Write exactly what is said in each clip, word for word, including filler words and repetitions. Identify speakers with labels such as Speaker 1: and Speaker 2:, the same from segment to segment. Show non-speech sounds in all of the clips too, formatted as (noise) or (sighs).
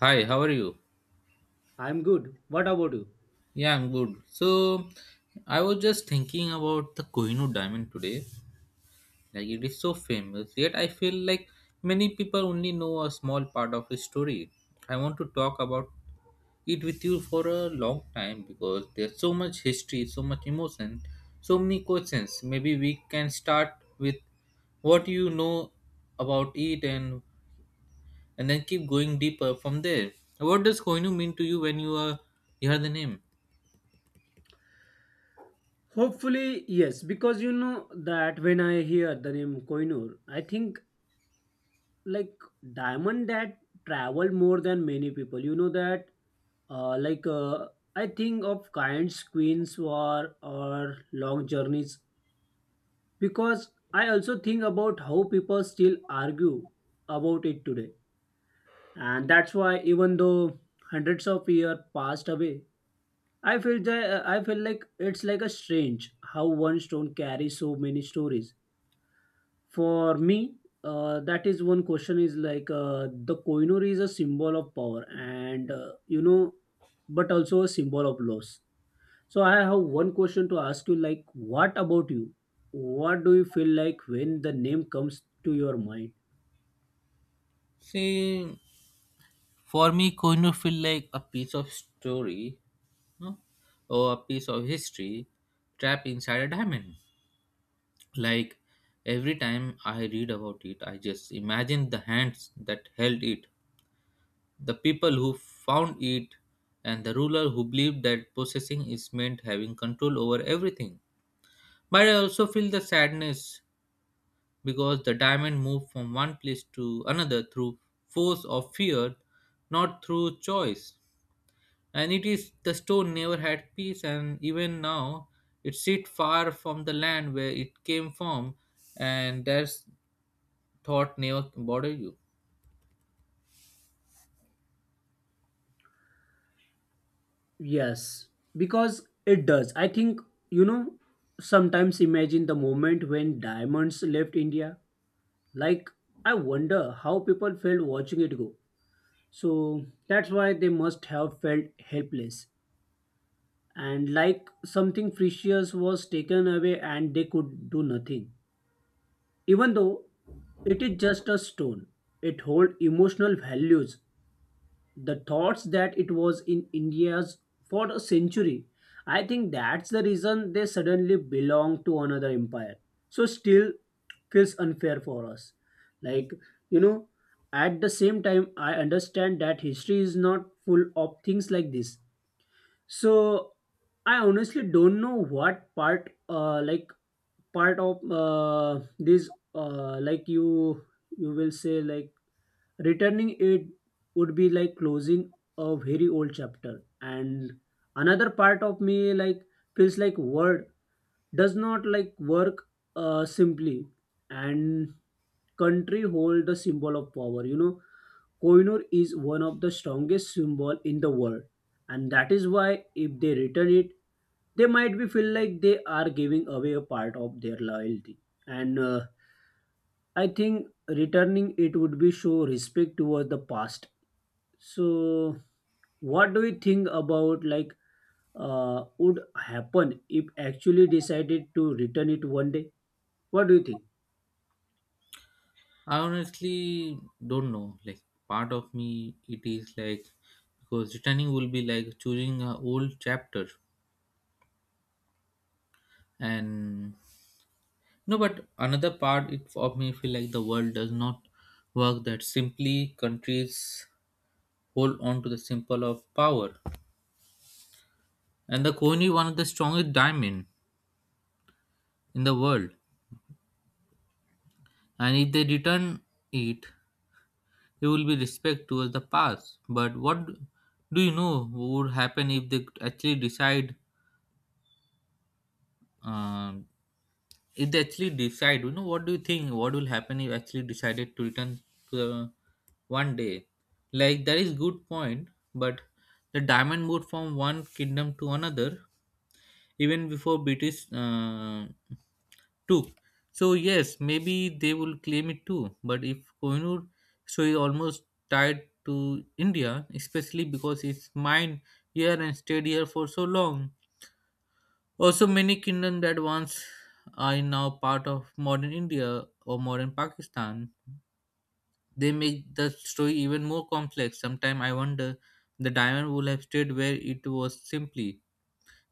Speaker 1: Hi, how are you?
Speaker 2: I'm good. What about you?
Speaker 1: Yeah, I'm good. So, I was just thinking about the Kohinoor diamond today. Like, it is so famous, yet I feel like many people only know a small part of its story. I want to talk about it with you for a long time because there's so much history, so much emotion, so many questions. Maybe we can start with what you know about it and and then keep going deeper from there. What does Kohinoor mean to you when you are you hear the name?
Speaker 2: Hopefully, yes, because you know that when I hear the name Koinur, I think like diamond that traveled more than many people. You know that uh, like uh, I think of kinds, queens, war or long journeys, because I also think about how people still argue about it today. And that's why, even though hundreds of years passed away, I feel that uh, I feel like it's like a strange how one stone carries so many stories. For me, uh, that is one question, is like uh, the Koinur is a symbol of power and, uh, you know, but also a symbol of loss. So I have one question to ask you, like, what about you? What do you feel like when the name comes to your mind?
Speaker 1: See, for me, Koinu feel like a piece of story, no? Or a piece of history trapped inside a diamond. Like every time I read about it, I just imagine the hands that held it, the people who found it, and the ruler who believed that possessing is meant having control over everything. But I also feel the sadness because the diamond moved from one place to another through force of fear, not through choice. And it is the stone never had peace, and even now it sit far from the land where it came from, and that's thought never bother you.
Speaker 2: Yes, because it does. I think, you know, sometimes imagine the moment when diamonds left India. Like, I wonder how people felt watching it go. So that's why they must have felt helpless. And like something precious was taken away and they could do nothing. Even though it is just a stone, it holds emotional values, the thoughts that it was in India's for a century. I think that's the reason they suddenly belong to another empire. So still feels unfair for us. Like, you know, at the same time, I understand that history is not full of things like this. So I honestly don't know what part, uh, like part of uh, this, uh, like you, you will say, like, returning it would be like closing a very old chapter, and another part of me like feels like word does not like work uh, simply, and country hold the symbol of power, you know. Koinur is one of the strongest symbol in the world, and that is why if they return it, they might be feel like they are giving away a part of their loyalty. And uh, I think returning it would be show respect towards the past. So, what do you think about, like, uh, would happen if actually decided to return it one day? What do you think?
Speaker 1: I honestly don't know, like part of me it is like because returning will be like choosing a old chapter, and no, but another part it of me feel like the world does not work that simply. Countries hold on to the symbol of power, and the coin is one of the strongest diamond in the world. And if they return it, there will be respect towards the past. But what do you know would happen if they actually decide? um if they actually decide, you know, what do you think? What will happen if actually decided to return to the one day? Like that is good point, but the diamond moved from one kingdom to another even before British uh, too. So yes, maybe they will claim it too. But if Kohinoor story is almost tied to India, especially because it's mined here and stayed here for so long. Also, many kingdoms that once are now part of modern India or modern Pakistan, they make the story even more complex. Sometimes I wonder the diamond would have stayed where it was simply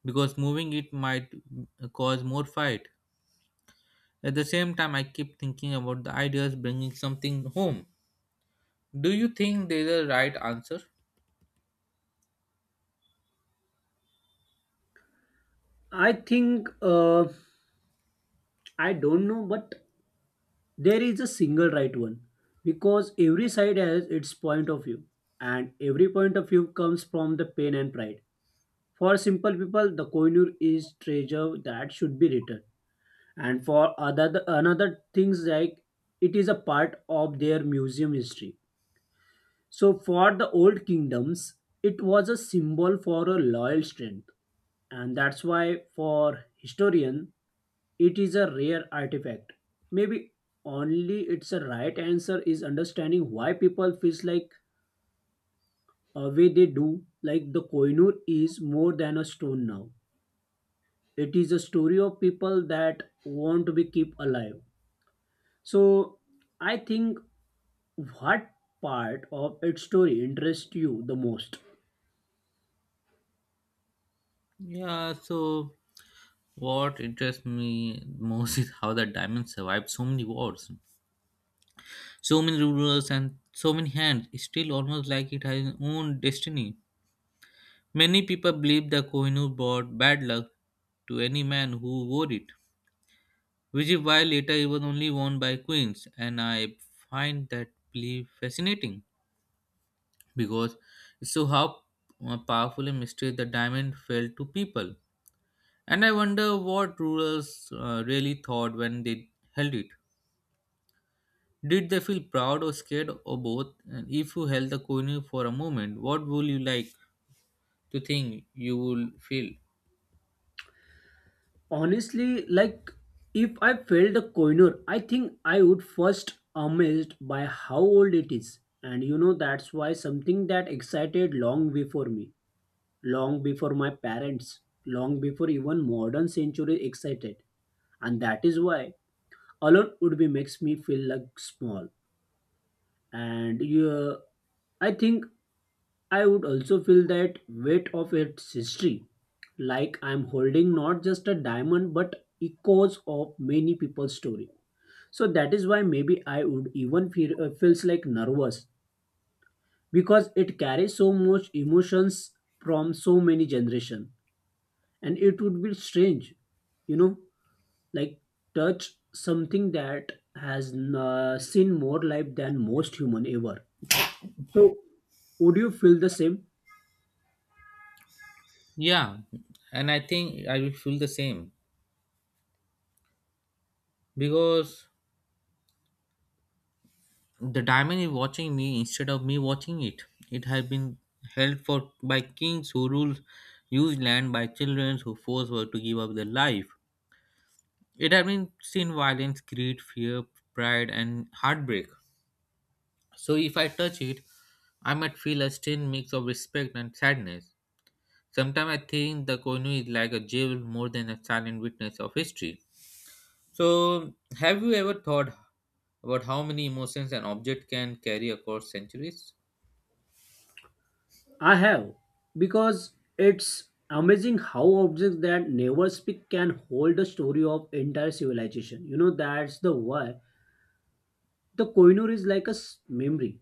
Speaker 1: because moving it might uh, cause more fight. At the same time, I keep thinking about the ideas bringing something home. Do you think there's a right answer?
Speaker 2: I think, uh, I don't know, but there is a single right one, because every side has its point of view, and every point of view comes from the pain and pride. For simple people, the coinure is treasure that should be returned, and for other another things, like, it is a part of their museum history. So for the old kingdoms it was a symbol for a loyal strength, and that's why for historian it is a rare artifact. Maybe only it's a right answer is understanding why people feels like a way they do. Like the koinur is more than a stone now, it is a story of people that want to be kept alive. So I think, what part of its story interests you the most?
Speaker 1: Yeah, so what interests me most is how the diamond survived so many wars, so many rulers, and so many hands. It's still almost like it has its own destiny. Many people believe the Kohinoor brought bad luck to any man who wore it, which is why later it was only worn by queens, and I find that belief fascinating. Because it show how uh, powerful a mistake the diamond felt to people. And I wonder what rulers uh, really thought when they held it. Did they feel proud or scared or both? And if you held the coin for a moment, what would you like to think you will feel?
Speaker 2: Honestly, like, if I felt the coiner, I think I would first amazed by how old it is. And you know that's why something that excited long before me, long before my parents, long before even modern century excited. And that is why alone would be makes me feel like small. And you, I think I would also feel that weight of its history, like I'm holding not just a diamond but echoes of many people's story. So that is why maybe I would even feel uh, feels like nervous, because it carries so much emotions from so many generation, and it would be strange, you know, like touch something that has uh, seen more life than most human ever. So would you feel the same?
Speaker 1: Yeah, and I think I will feel the same because the diamond is watching me instead of me watching it. It has been held for by kings who ruled used land by children who forced were to give up their life. It has been seen violence, greed, fear, pride, and heartbreak. So if I touch it, I might feel a strange mix of respect and sadness. Sometimes I think the Koinu is like a jewel more than a silent witness of history. So have you ever thought about how many emotions an object can carry across centuries?
Speaker 2: I have, because it's amazing how objects that never speak can hold the story of entire civilization. You know, that's the why the Koinur is like a s- memory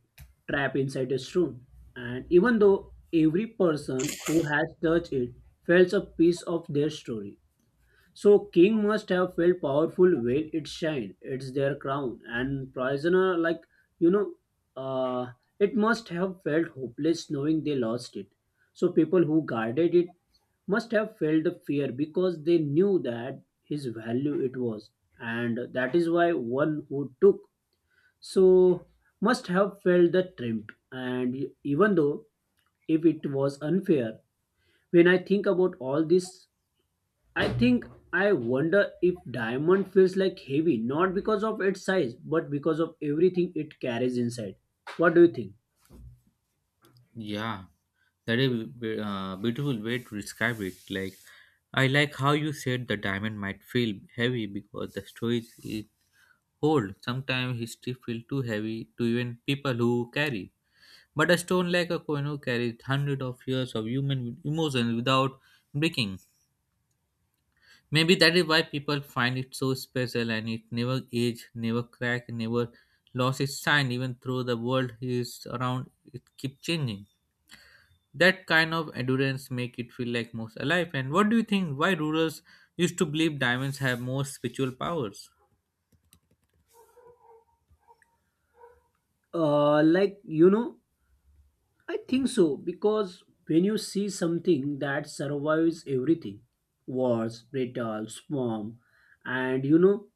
Speaker 2: trapped inside a stone. And even though every person who has touched it felt a piece of their story, so king must have felt powerful when it shined. It's their crown. And prisoner, like, you know, uh, it must have felt hopeless knowing they lost it. So people who guarded it must have felt the fear, because they knew that his value it was, and that is why one who took so must have felt the triumph. And even though if it was unfair, when I think about all this, I think, I wonder if diamond feels like heavy not because of its size but because of everything it carries inside. What do you think?
Speaker 1: Yeah, that is a uh, beautiful way to describe it. Like, I like how you said the diamond might feel heavy because the story is old. Sometimes history feels too heavy to even people who carry. But a stone like a koino carries hundreds of years of human emotions without breaking. Maybe that is why people find it so special, and it never age, never crack, never lost its shine, even though the world is around it keeps changing. That kind of endurance make it feel like most alive. And what do you think why rulers used to believe diamonds have more spiritual powers?
Speaker 2: Uh, like, you know, I think so, because when you see something that survives everything, wars, brittle, storm, and, you know,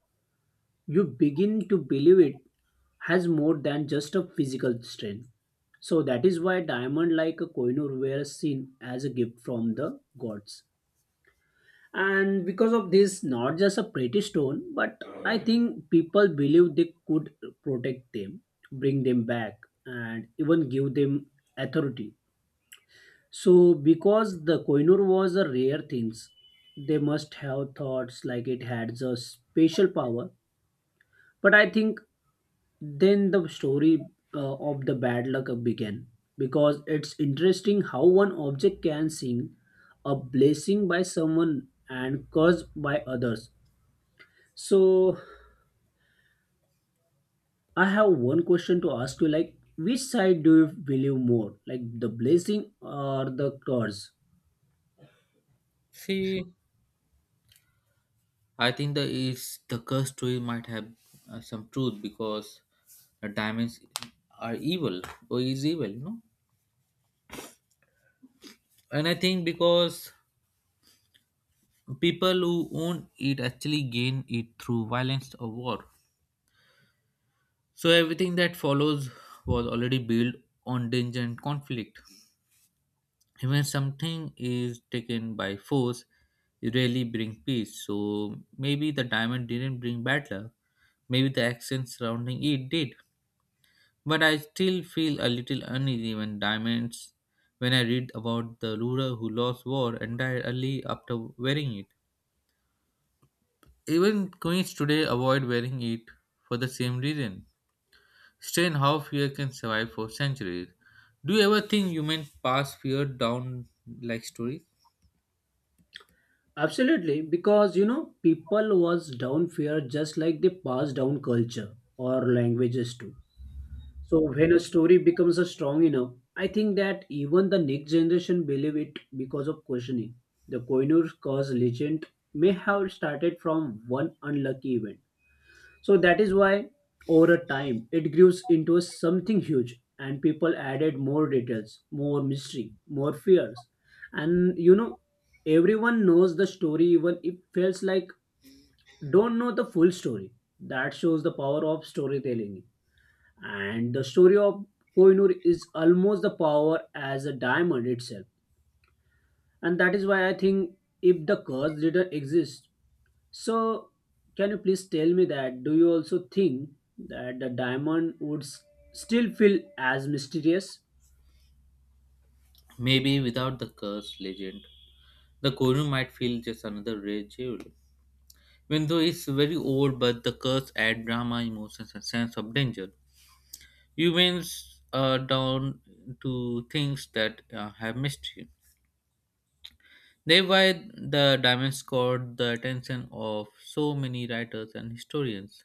Speaker 2: you begin to believe it has more than just a physical strength. So that is why diamond like a koinur were seen as a gift from the gods, and because of this not just a pretty stone, but I think people believe they could protect them, bring them back, and even give them authority. So because the koinur was a rare thing, they must have thoughts like it had a special power. But I think then the story uh, of the bad luck began, because it's interesting how one object can sing a blessing by someone and curse by others. So I have one question to ask you, like, which side do you believe more, like the blessing or the curse?
Speaker 1: See, I think the is the curse story might have uh, some truth because the diamonds are evil or is evil, you know. And I think because people who own it actually gain it through violence or war. So everything that follows was already built on danger and conflict. Even something is taken by force, it rarely brings peace. So maybe the diamond didn't bring bad luck. Maybe the action surrounding it did. But I still feel a little uneasy when diamonds when I read about the ruler who lost war and died early after wearing it. Even queens today avoid wearing it for the same reason. Strange how fear can survive for centuries. Do you ever think humans pass fear down like stories?
Speaker 2: Absolutely, because you know people was down fear just like they pass down culture or languages too. So when a story becomes a strong enough, I think that even the next generation believe it because of questioning. The Koinur curse legend may have started from one unlucky event. So that is why over a time it grew into a something huge, and people added more details, more mystery, more fears. And you know, everyone knows the story even if feels like don't know the full story. That shows the power of storytelling. And the story of Koinur is almost the power as a diamond itself. And that is why I think if the curse didn't exist, so, can you please tell me that do you also think that the diamond would s- still feel as mysterious?
Speaker 1: Maybe without the cursed legend, the Koryu might feel just another rare jewel. Window is very old, but the curse adds drama, emotions, and sense of danger. Humans are down to things that uh, have mystery. Thereby, the diamond caught the attention of so many writers and historians.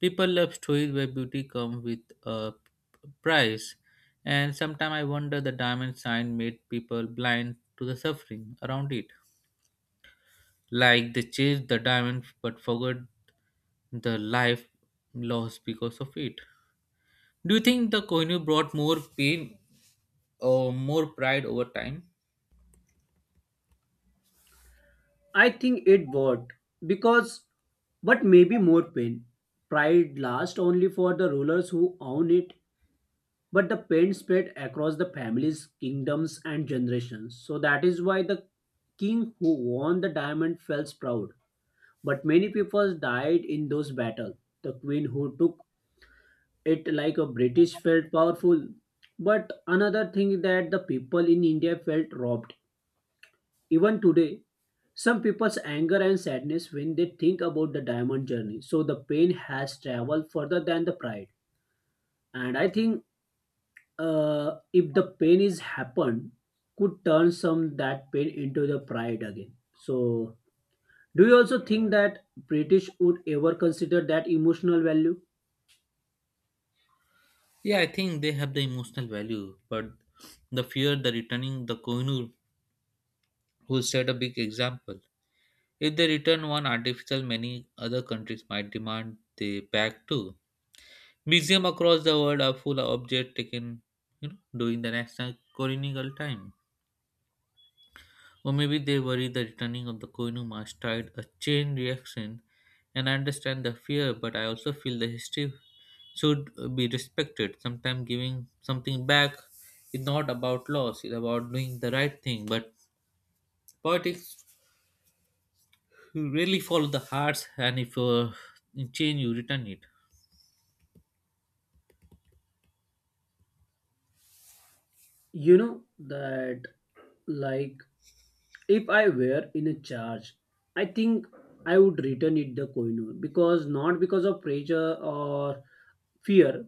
Speaker 1: People love stories where beauty comes with a price, and sometimes I wonder the diamond sign made people blind to the suffering around it. Like they chased the diamond but forgot the life lost because of it. Do you think the Kohinoor brought more pain or more pride over time?
Speaker 2: I think it would, because, but maybe more pain. Pride lasts only for the rulers who own it, but the pain spread across the families, kingdoms, and generations. So that is why the king who won the diamond felt proud. But many people died in those battles. The queen who took it like a british felt powerful, but another thing that the people in india felt robbed. Even today some people's anger and sadness when they think about the diamond journey, so the pain has traveled further than the pride. And I think, uh, if the pain is happened, could turn some that pain into the pride again. So do you also think that british would ever consider that emotional value?
Speaker 1: Yeah, I think they have the emotional value, but the fear the returning the Kohinoor will set a big example. If they return one artificial, many other countries might demand they back too. Museums across the world are full of objects taken, you know, during the national colonial time. Or maybe they worry the returning of the Koinu mask tried a chain reaction, and I understand the fear, but I also feel the history should be respected. Sometimes giving something back is not about loss, it's about doing the right thing. But politics really follow the hearts, and if uh, you change, you return it.
Speaker 2: You know that, like, if I were in a charge, I think I would return it the coin, because not because of pressure or fear,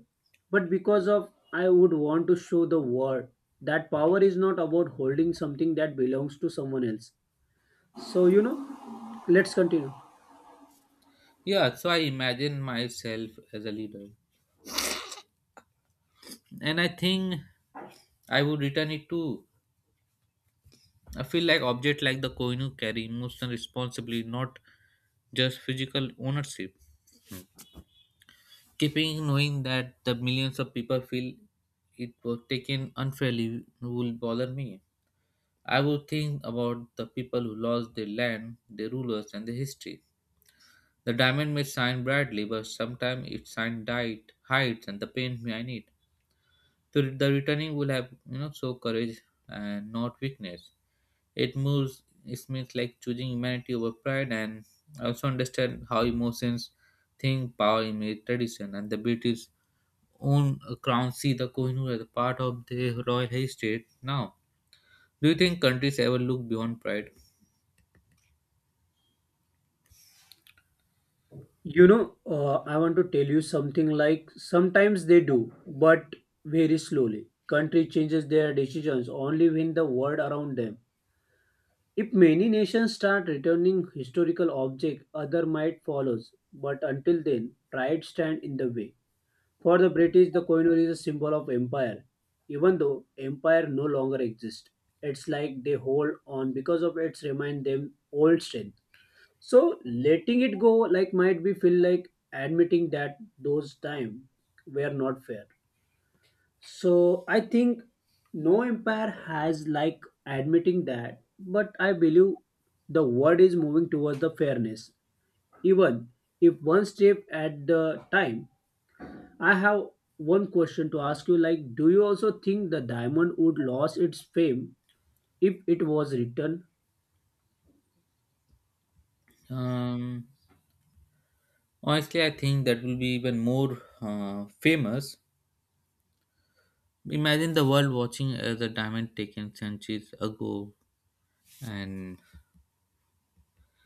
Speaker 2: but because of I would want to show the world that power is not about holding something that belongs to someone else. So you know, let's continue.
Speaker 1: Yeah, so I imagine myself as a leader. And I think I would return it too. I feel like object like the Koinu carry emotional responsibility, not just physical ownership. Keeping knowing that the millions of people feel it was taken unfairly will bother me. I would think about the people who lost their land, their rulers, and their history. The diamond may shine brightly, but sometimes its shine died, hides, and the pain behind it. So the returning will have, you know, show courage and not weakness. It moves it means like choosing humanity over pride and also understand how emotions, think, power, image, tradition, and the British own crown see the Kohinoor as a part of the royal heritage now. Do you think countries ever look beyond pride?
Speaker 2: You know, uh, I want to tell you something, like, sometimes they do, but very slowly. Country changes their decisions only when the world around them. If many nations start returning historical objects, other might follow. But until then, pride stands in the way. For the British, the coin is a symbol of empire. Even though empire no longer exists, it's like they hold on because of its remind them old strength. So letting it go, like, might be feel like admitting that those times were not fair. So I think no empire has like admitting that, but I believe the world is moving towards the fairness, even if one step at the time. I have one question to ask you, like, do you also think the diamond would lose its fame if it was written?
Speaker 1: Um, honestly, I think that will be even more uh, famous. Imagine the world watching as a diamond taken centuries ago, and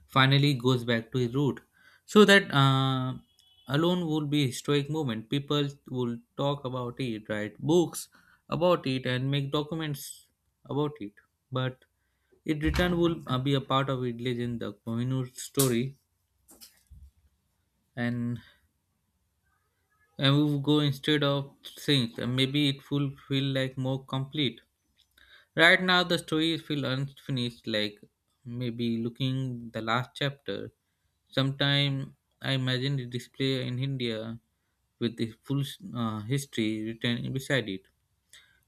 Speaker 1: finally goes back to his root. So that uh, alone would be historic moment. People will talk about it, write books about it, and make documents about it. But it return will uh, be a part of it legend, the Kohinoor story, and and we will go instead of things. And maybe it will feel like more complete. Right now, the story feels unfinished, like maybe looking the last chapter. Sometime I imagine the display in India with the full uh, history written beside it.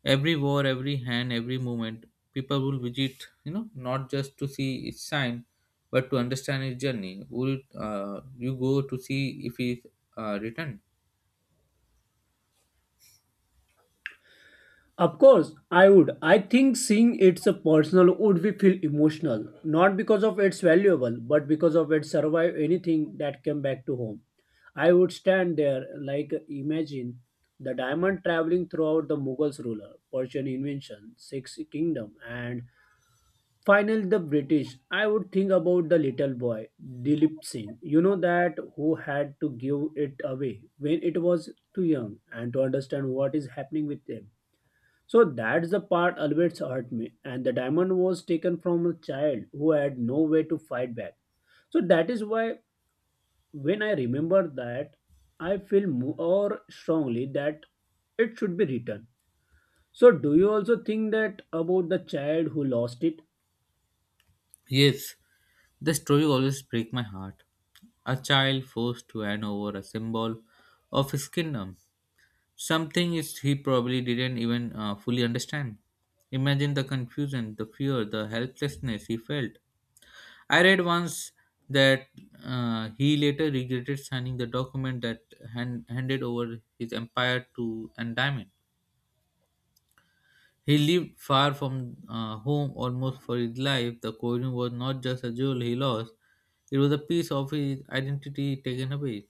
Speaker 1: Every war, every hand, every movement, people will visit, you know, not just to see its sign, but to understand its journey. Will uh, you go to see if it's uh, written?
Speaker 2: Of course, I would. I think seeing it's a personal would we feel emotional, not because of its valuable, but because of its survive anything that came back to home. I would stand there like imagine the diamond traveling throughout the Mughals ruler, Persian invention, Six Kingdom, and finally the British. I would think about the little boy, Dilip Singh. You know that who had to give it away when it was too young and to understand what is happening with them, so that's the part always hurt me. And the diamond was taken from a child who had no way to fight back. So that is why when I remember that, I feel more strongly that it should be returned. So do you also think that about the child who lost it?
Speaker 1: Yes, the story always break my heart. A child forced to hand over a symbol of his kingdom, something is he probably didn't even uh, fully understand. Imagine the confusion, the fear, the helplessness he felt. I read once that uh, he later regretted signing the document that hand- handed over his empire to Andaman. He lived far from uh, home almost for his life. The coin was not just a jewel he lost, it was a piece of his identity taken away.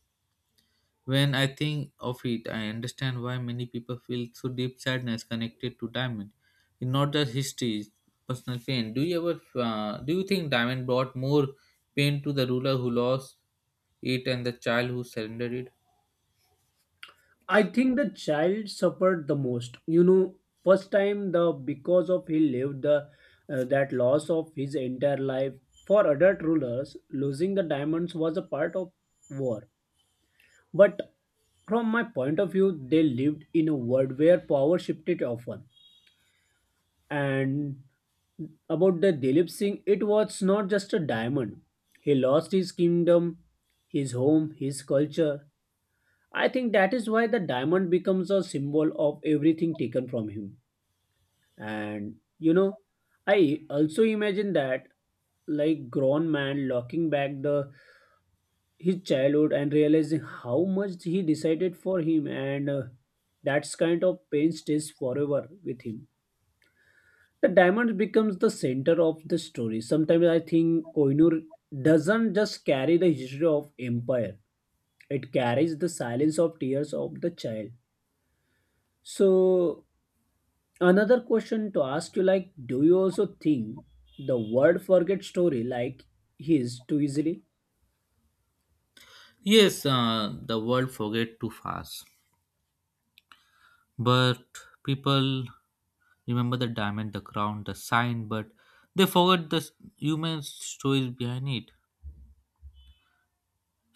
Speaker 1: When I think of it, I understand why many people feel so deep sadness connected to diamond. It's not just history, it's personal pain. Do you ever uh, do you think diamond brought more pain to the ruler who lost it and the child who surrendered it?
Speaker 2: I think the child suffered the most. You know, first time the because of he lived the uh, that loss of his entire life. For adult rulers, losing the diamonds was a part of war. But from my point of view, they lived in a world where power shifted often. And about the Dilip Singh, it was not just a diamond. He lost his kingdom, his home, his culture. I think that is why the diamond becomes a symbol of everything taken from him. And you know, I also imagine that like grown man locking back the his childhood and realizing how much he decided for him and uh, that's kind of pain stays forever with him, the diamond becomes the center of the story. Sometimes I think Koinur doesn't just carry the history of empire, it carries the silence of tears of the child. So another question to ask you, like, do you also think the word forget story like his too easily?
Speaker 1: Yes, uh, the world forget too fast. But people remember the diamond, the crown, the sign, but they forget the s- human stories behind it.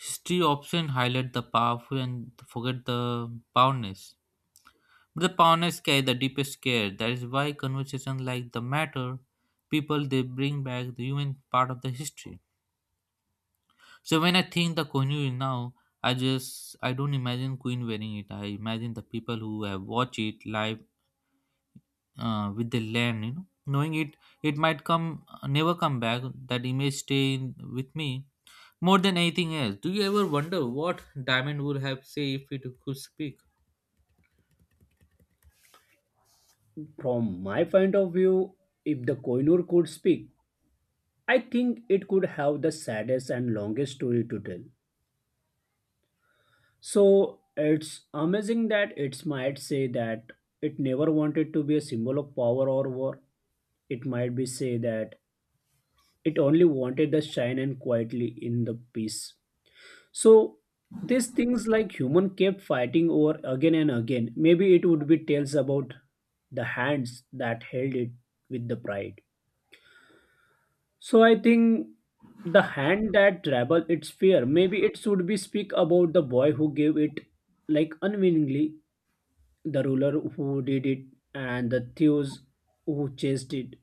Speaker 1: History often highlight the powerful and forget the powerless. But the powerless carry the deepest care. That is why conversation like the matter, people they bring back the human part of the history. So when I think the Kohinoor now, I just I don't imagine Queen wearing it. I imagine the people who have watched it live uh, with the land you know knowing it it might come uh, never come back. That image stay in, with me more than anything else. Do you ever wonder what diamond would have say if it could speak?
Speaker 2: From my point of view, if the Koinur could speak, I think it could have the saddest and longest story to tell. So it's amazing that it might say that it never wanted to be a symbol of power or war. It might be say that it only wanted the shine and quietly in the peace. So these things like human kept fighting over again and again. Maybe it would be tales about the hands that held it with the pride. So I think the hand that travel its fear. Maybe it should be speak about the boy who gave it, like, unwillingly, the ruler who did it, and the thieves who chased it.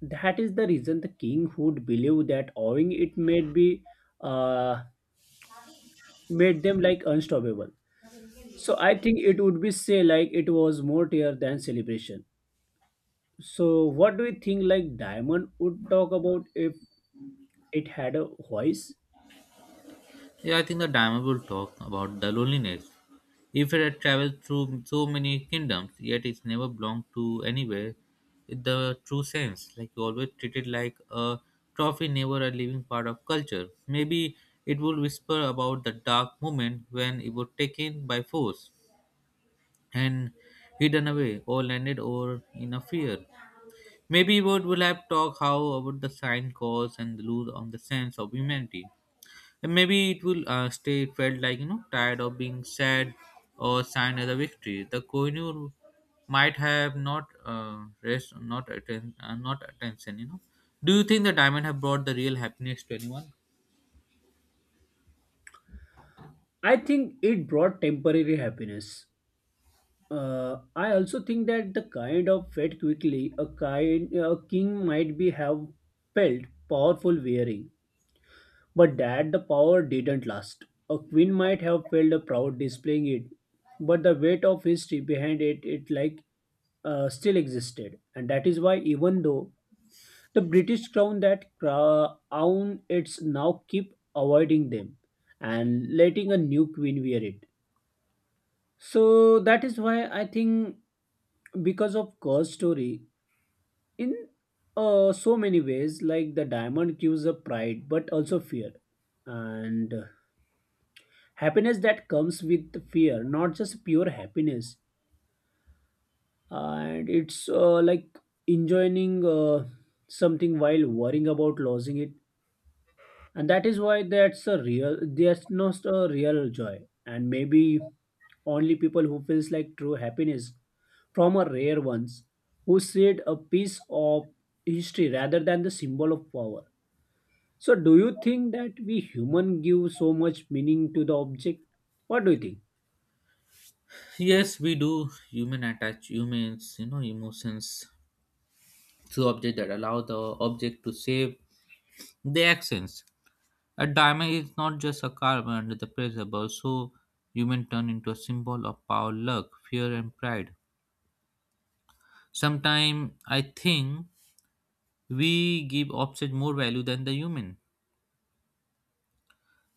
Speaker 2: That is the reason the king would believe that owing it made be uh made them like unstoppable. So I think it would be say like it was more tear than celebration. So what do you think, like, Diamond would talk about if it had a voice?
Speaker 1: Yeah, I think the diamond will talk about the loneliness if it had traveled through so many kingdoms, yet it's never belonged to anywhere in the true sense. Like, you always treated like a trophy, never a living part of culture. Maybe it would whisper about the dark moment when it was taken by force and hidden away or landed over in a fear. Maybe what will have talk how about the sign cause and the lose on the sense of humanity. And maybe it will uh, stay felt like you know tired of being sad or sign as a victory. The Kohinoor might have not uh, rest, not atten- uh, not attention. You know. Do you think the diamond have brought the real happiness to anyone?
Speaker 2: I think it brought temporary happiness. Uh, I also think that the kind of fed quickly a kind a king might be have felt powerful wearing, but that the power didn't last. A queen might have felt a proud displaying it, but the weight of history behind it, it like uh, still existed, and that is why even though the British crown that crown it's now keep avoiding them and letting a new queen wear it. So that is why I think, because of Ghost Story, in uh, so many ways, like the diamond gives a pride but also fear, and uh, happiness that comes with fear, not just pure happiness. And it's uh, like enjoying uh, something while worrying about losing it, and that is why that's a real, that's not a real joy, and maybe only people who feels like true happiness from a rare ones who said a piece of history rather than the symbol of power. So, do you think that we human give so much meaning to the object? What do you think?
Speaker 1: Yes, we do. Human attach humans, you know, emotions to object that allow the object to save the accents. A diamond is not just a carbon under the pressure, but also human turn into a symbol of power, luck, fear, and pride. Sometimes I think we give objects more value than the human,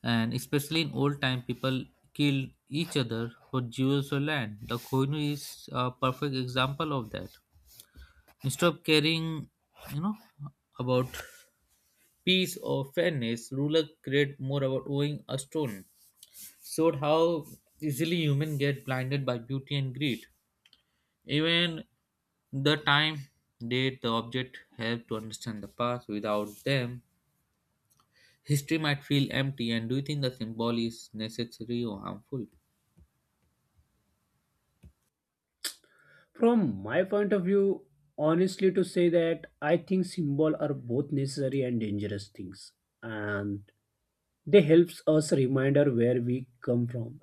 Speaker 1: and especially in old time, people killed each other for jewels or land. The Kohinoor is a perfect example of that. Instead of caring, you know, about peace or fairness, ruler cared more about owing a stone. Showed how easily humans get blinded by beauty and greed. Even the time, date, the object help to understand the past. Without them, history might feel empty. And do you think the symbol is necessary or harmful?
Speaker 2: From my point of view, honestly, to say that I think symbol are both necessary and dangerous things, and they helps us reminder where we come from.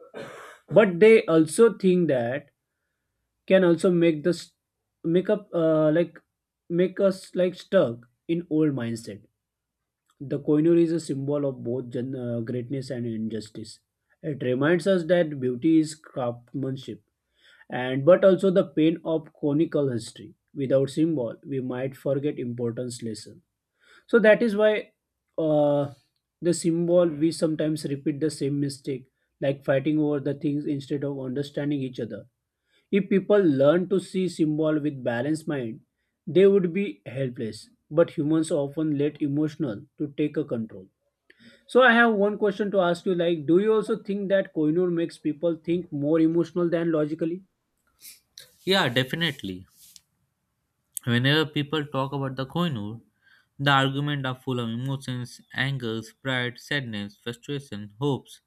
Speaker 2: But they also think that can also make the make up uh, like make us like stuck in old mindset. The Koinur is a symbol of both gen- uh, greatness and injustice. It reminds us that beauty is craftsmanship, and but also the pain of conical history. Without symbol, we might forget importance lesson. So that is why uh, the symbol we sometimes repeat the same mistake, like fighting over the things instead of understanding each other. If people learn to see symbol with balanced mind, they would be helpless. But humans often let emotional to take a control. So I have one question to ask you, like, do you also think that Kohinoor makes people think more emotional than logically?
Speaker 1: Yeah, definitely. Whenever people talk about the Koinur, the argument are full of emotions, angers, pride, sadness, frustration, hopes.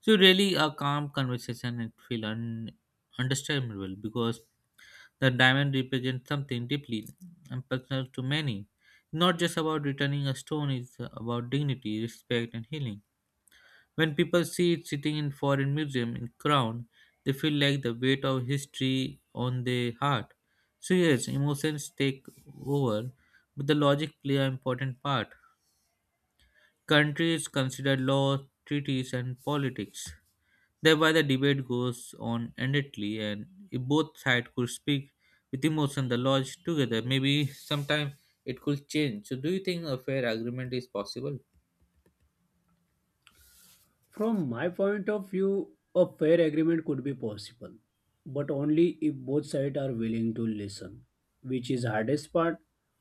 Speaker 1: So really, a calm conversation it feel un- understandable because the diamond represents something deeply and personal to many. Not just about returning a stone, it's about dignity, respect, and healing. When people see it sitting in foreign museum in crown, they feel like the weight of history on their heart. So yes, emotions take over, but the logic play an important part. Countries consider law, treaties, and politics. Thereby, the debate goes on endlessly, and if both sides could speak with emotion, the lodge together, maybe sometime it could change. So, do you think a fair agreement is possible?
Speaker 2: From my point of view, a fair agreement could be possible, but only if both sides are willing to listen, which is hardest part.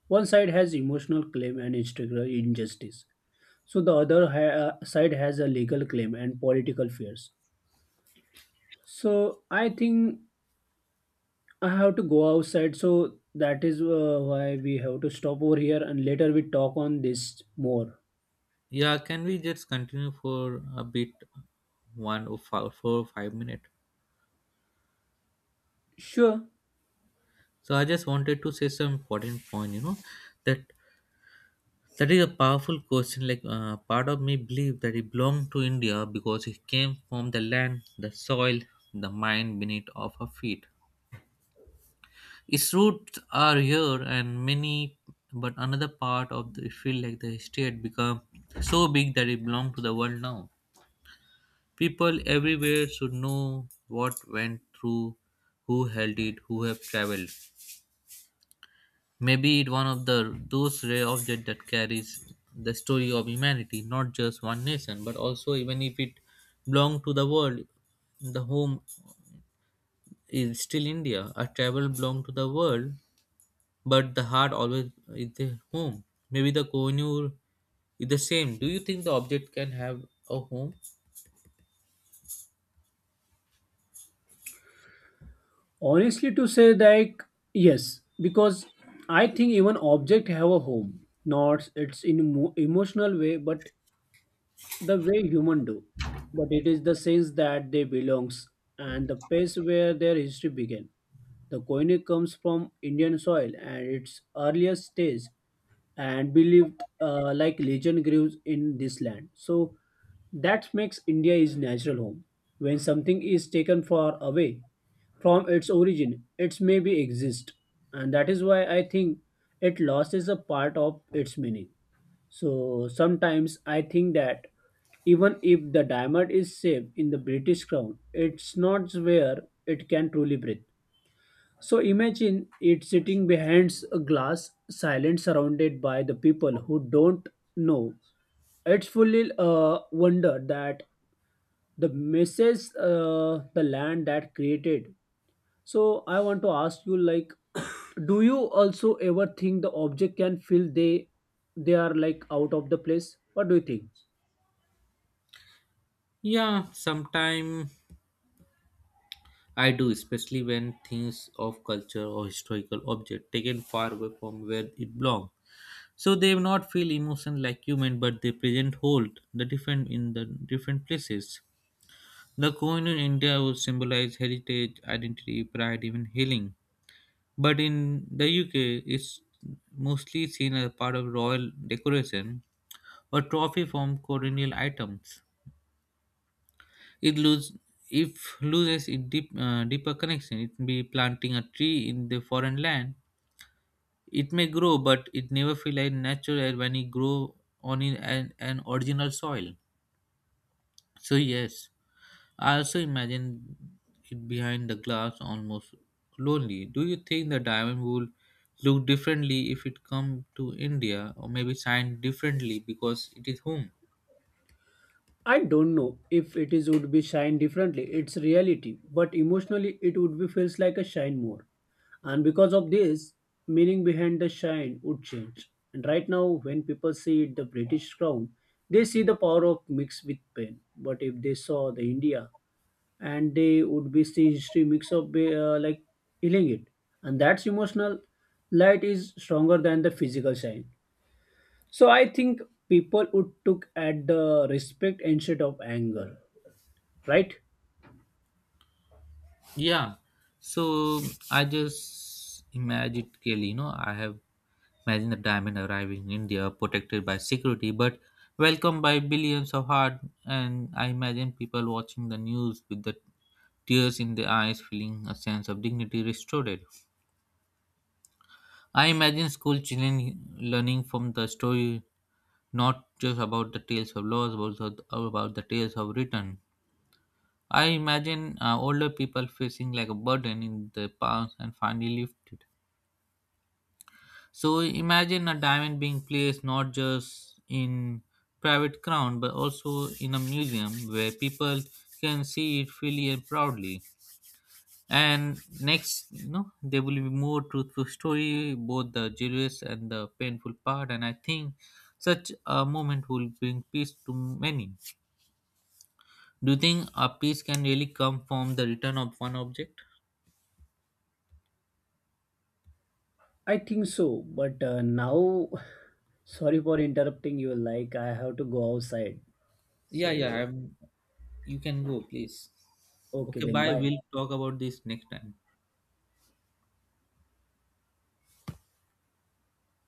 Speaker 2: One side has emotional claim and structural injustice. So the other ha- uh, side has a legal claim and political fears. So I think I have to go outside, so that is uh, why we have to stop over here and later we talk on this more.
Speaker 1: Yeah, can we just continue for a bit, one or five, four or five minutes?
Speaker 2: Sure.
Speaker 1: So, I just wanted to say some important point. You know, that that is a powerful question. Like, uh, part of me believe that he belonged to India because he came from the land, the soil, the mind beneath of her feet. Its roots are here and many, but another part of the feel like the history had become so big that it belongs to the world now. People everywhere should know what went through, who held it, who have traveled. Maybe it one of the those rare objects that carries the story of humanity, not just one nation, but also even if it belonged to the world, the home is still India. A travel belong to the world but the heart always is the home. Maybe the Kohinoor is the same. Do you think the object can have a home?
Speaker 2: Honestly, to say, like, yes, because I think even object have a home. Not it's in emo- emotional way, but the way human do. But it is the sense that they belongs and the place where their history began. The koine comes from Indian soil and its earliest stage and believed uh, like legend grows in this land. So that makes India his natural home. When something is taken far away from its origin, it may be exist, and that is why I think it loses a part of its meaning. So sometimes I think that even if the diamond is safe in the British crown, it's not where it can truly breathe. So imagine it sitting behind a glass, silent, surrounded by the people who don't know. It's fully uh, wonder that the message, uh, the land that created. So I want to ask you, like, (coughs) do you also ever think the object can feel they they are like out of the place? What do you think?
Speaker 1: Yeah, sometime I do, especially when things of culture or historical object taken far away from where it belongs. So they may not feel emotion like human, but they present hold the different in the different places. The coin in India would symbolize heritage, identity, pride, even healing. But in the U K, it's mostly seen as part of royal decoration or trophy from colonial items. It lose If loses its deep, uh, deeper connection. It may be planting a tree in the foreign land. It may grow, but it never feel like natural when it grow on in an, an original soil. So, yes, I also imagine it behind the glass almost lonely. Do you think the diamond would look differently if it come to India, or maybe shine differently because it is home?
Speaker 2: I don't know if it is would be shine differently. It's reality, but emotionally it would be feels like a shine more. And because of this, meaning behind the shine would change. And right now, when people see it, the British crown, they see the power of mix with pain. But if they saw the India, and they would be see history mix of uh, like healing it, and that's emotional light is stronger than the physical shine. So I think people would took at the respect instead of anger, right?
Speaker 1: Yeah. So I just magically, you know, I have imagined the diamond arriving in India, protected by security, but welcomed by billions of heart. And I imagine people watching the news with the tears in their eyes, feeling a sense of dignity restored. I imagine school children learning from the story, not just about the tales of loss, but also about the tales of return. I imagine uh, older people facing like a burden in the past and finally lifted. So imagine a diamond being placed not just in private ground but also in a museum where people can see it freely and proudly. And next, you know, there will be more truthful story, both the joyous and the painful part. And I think such a moment will bring peace to many. Do you think a peace can really come from the return of one object?
Speaker 2: I think so but uh, now (sighs) (laughs) sorry for interrupting you, like, I have to go outside, so
Speaker 1: Yeah, yeah. I'm, you can go, please.
Speaker 2: okay,
Speaker 1: Okay,
Speaker 2: then
Speaker 1: bye.
Speaker 2: bye.
Speaker 1: We'll talk about this next time.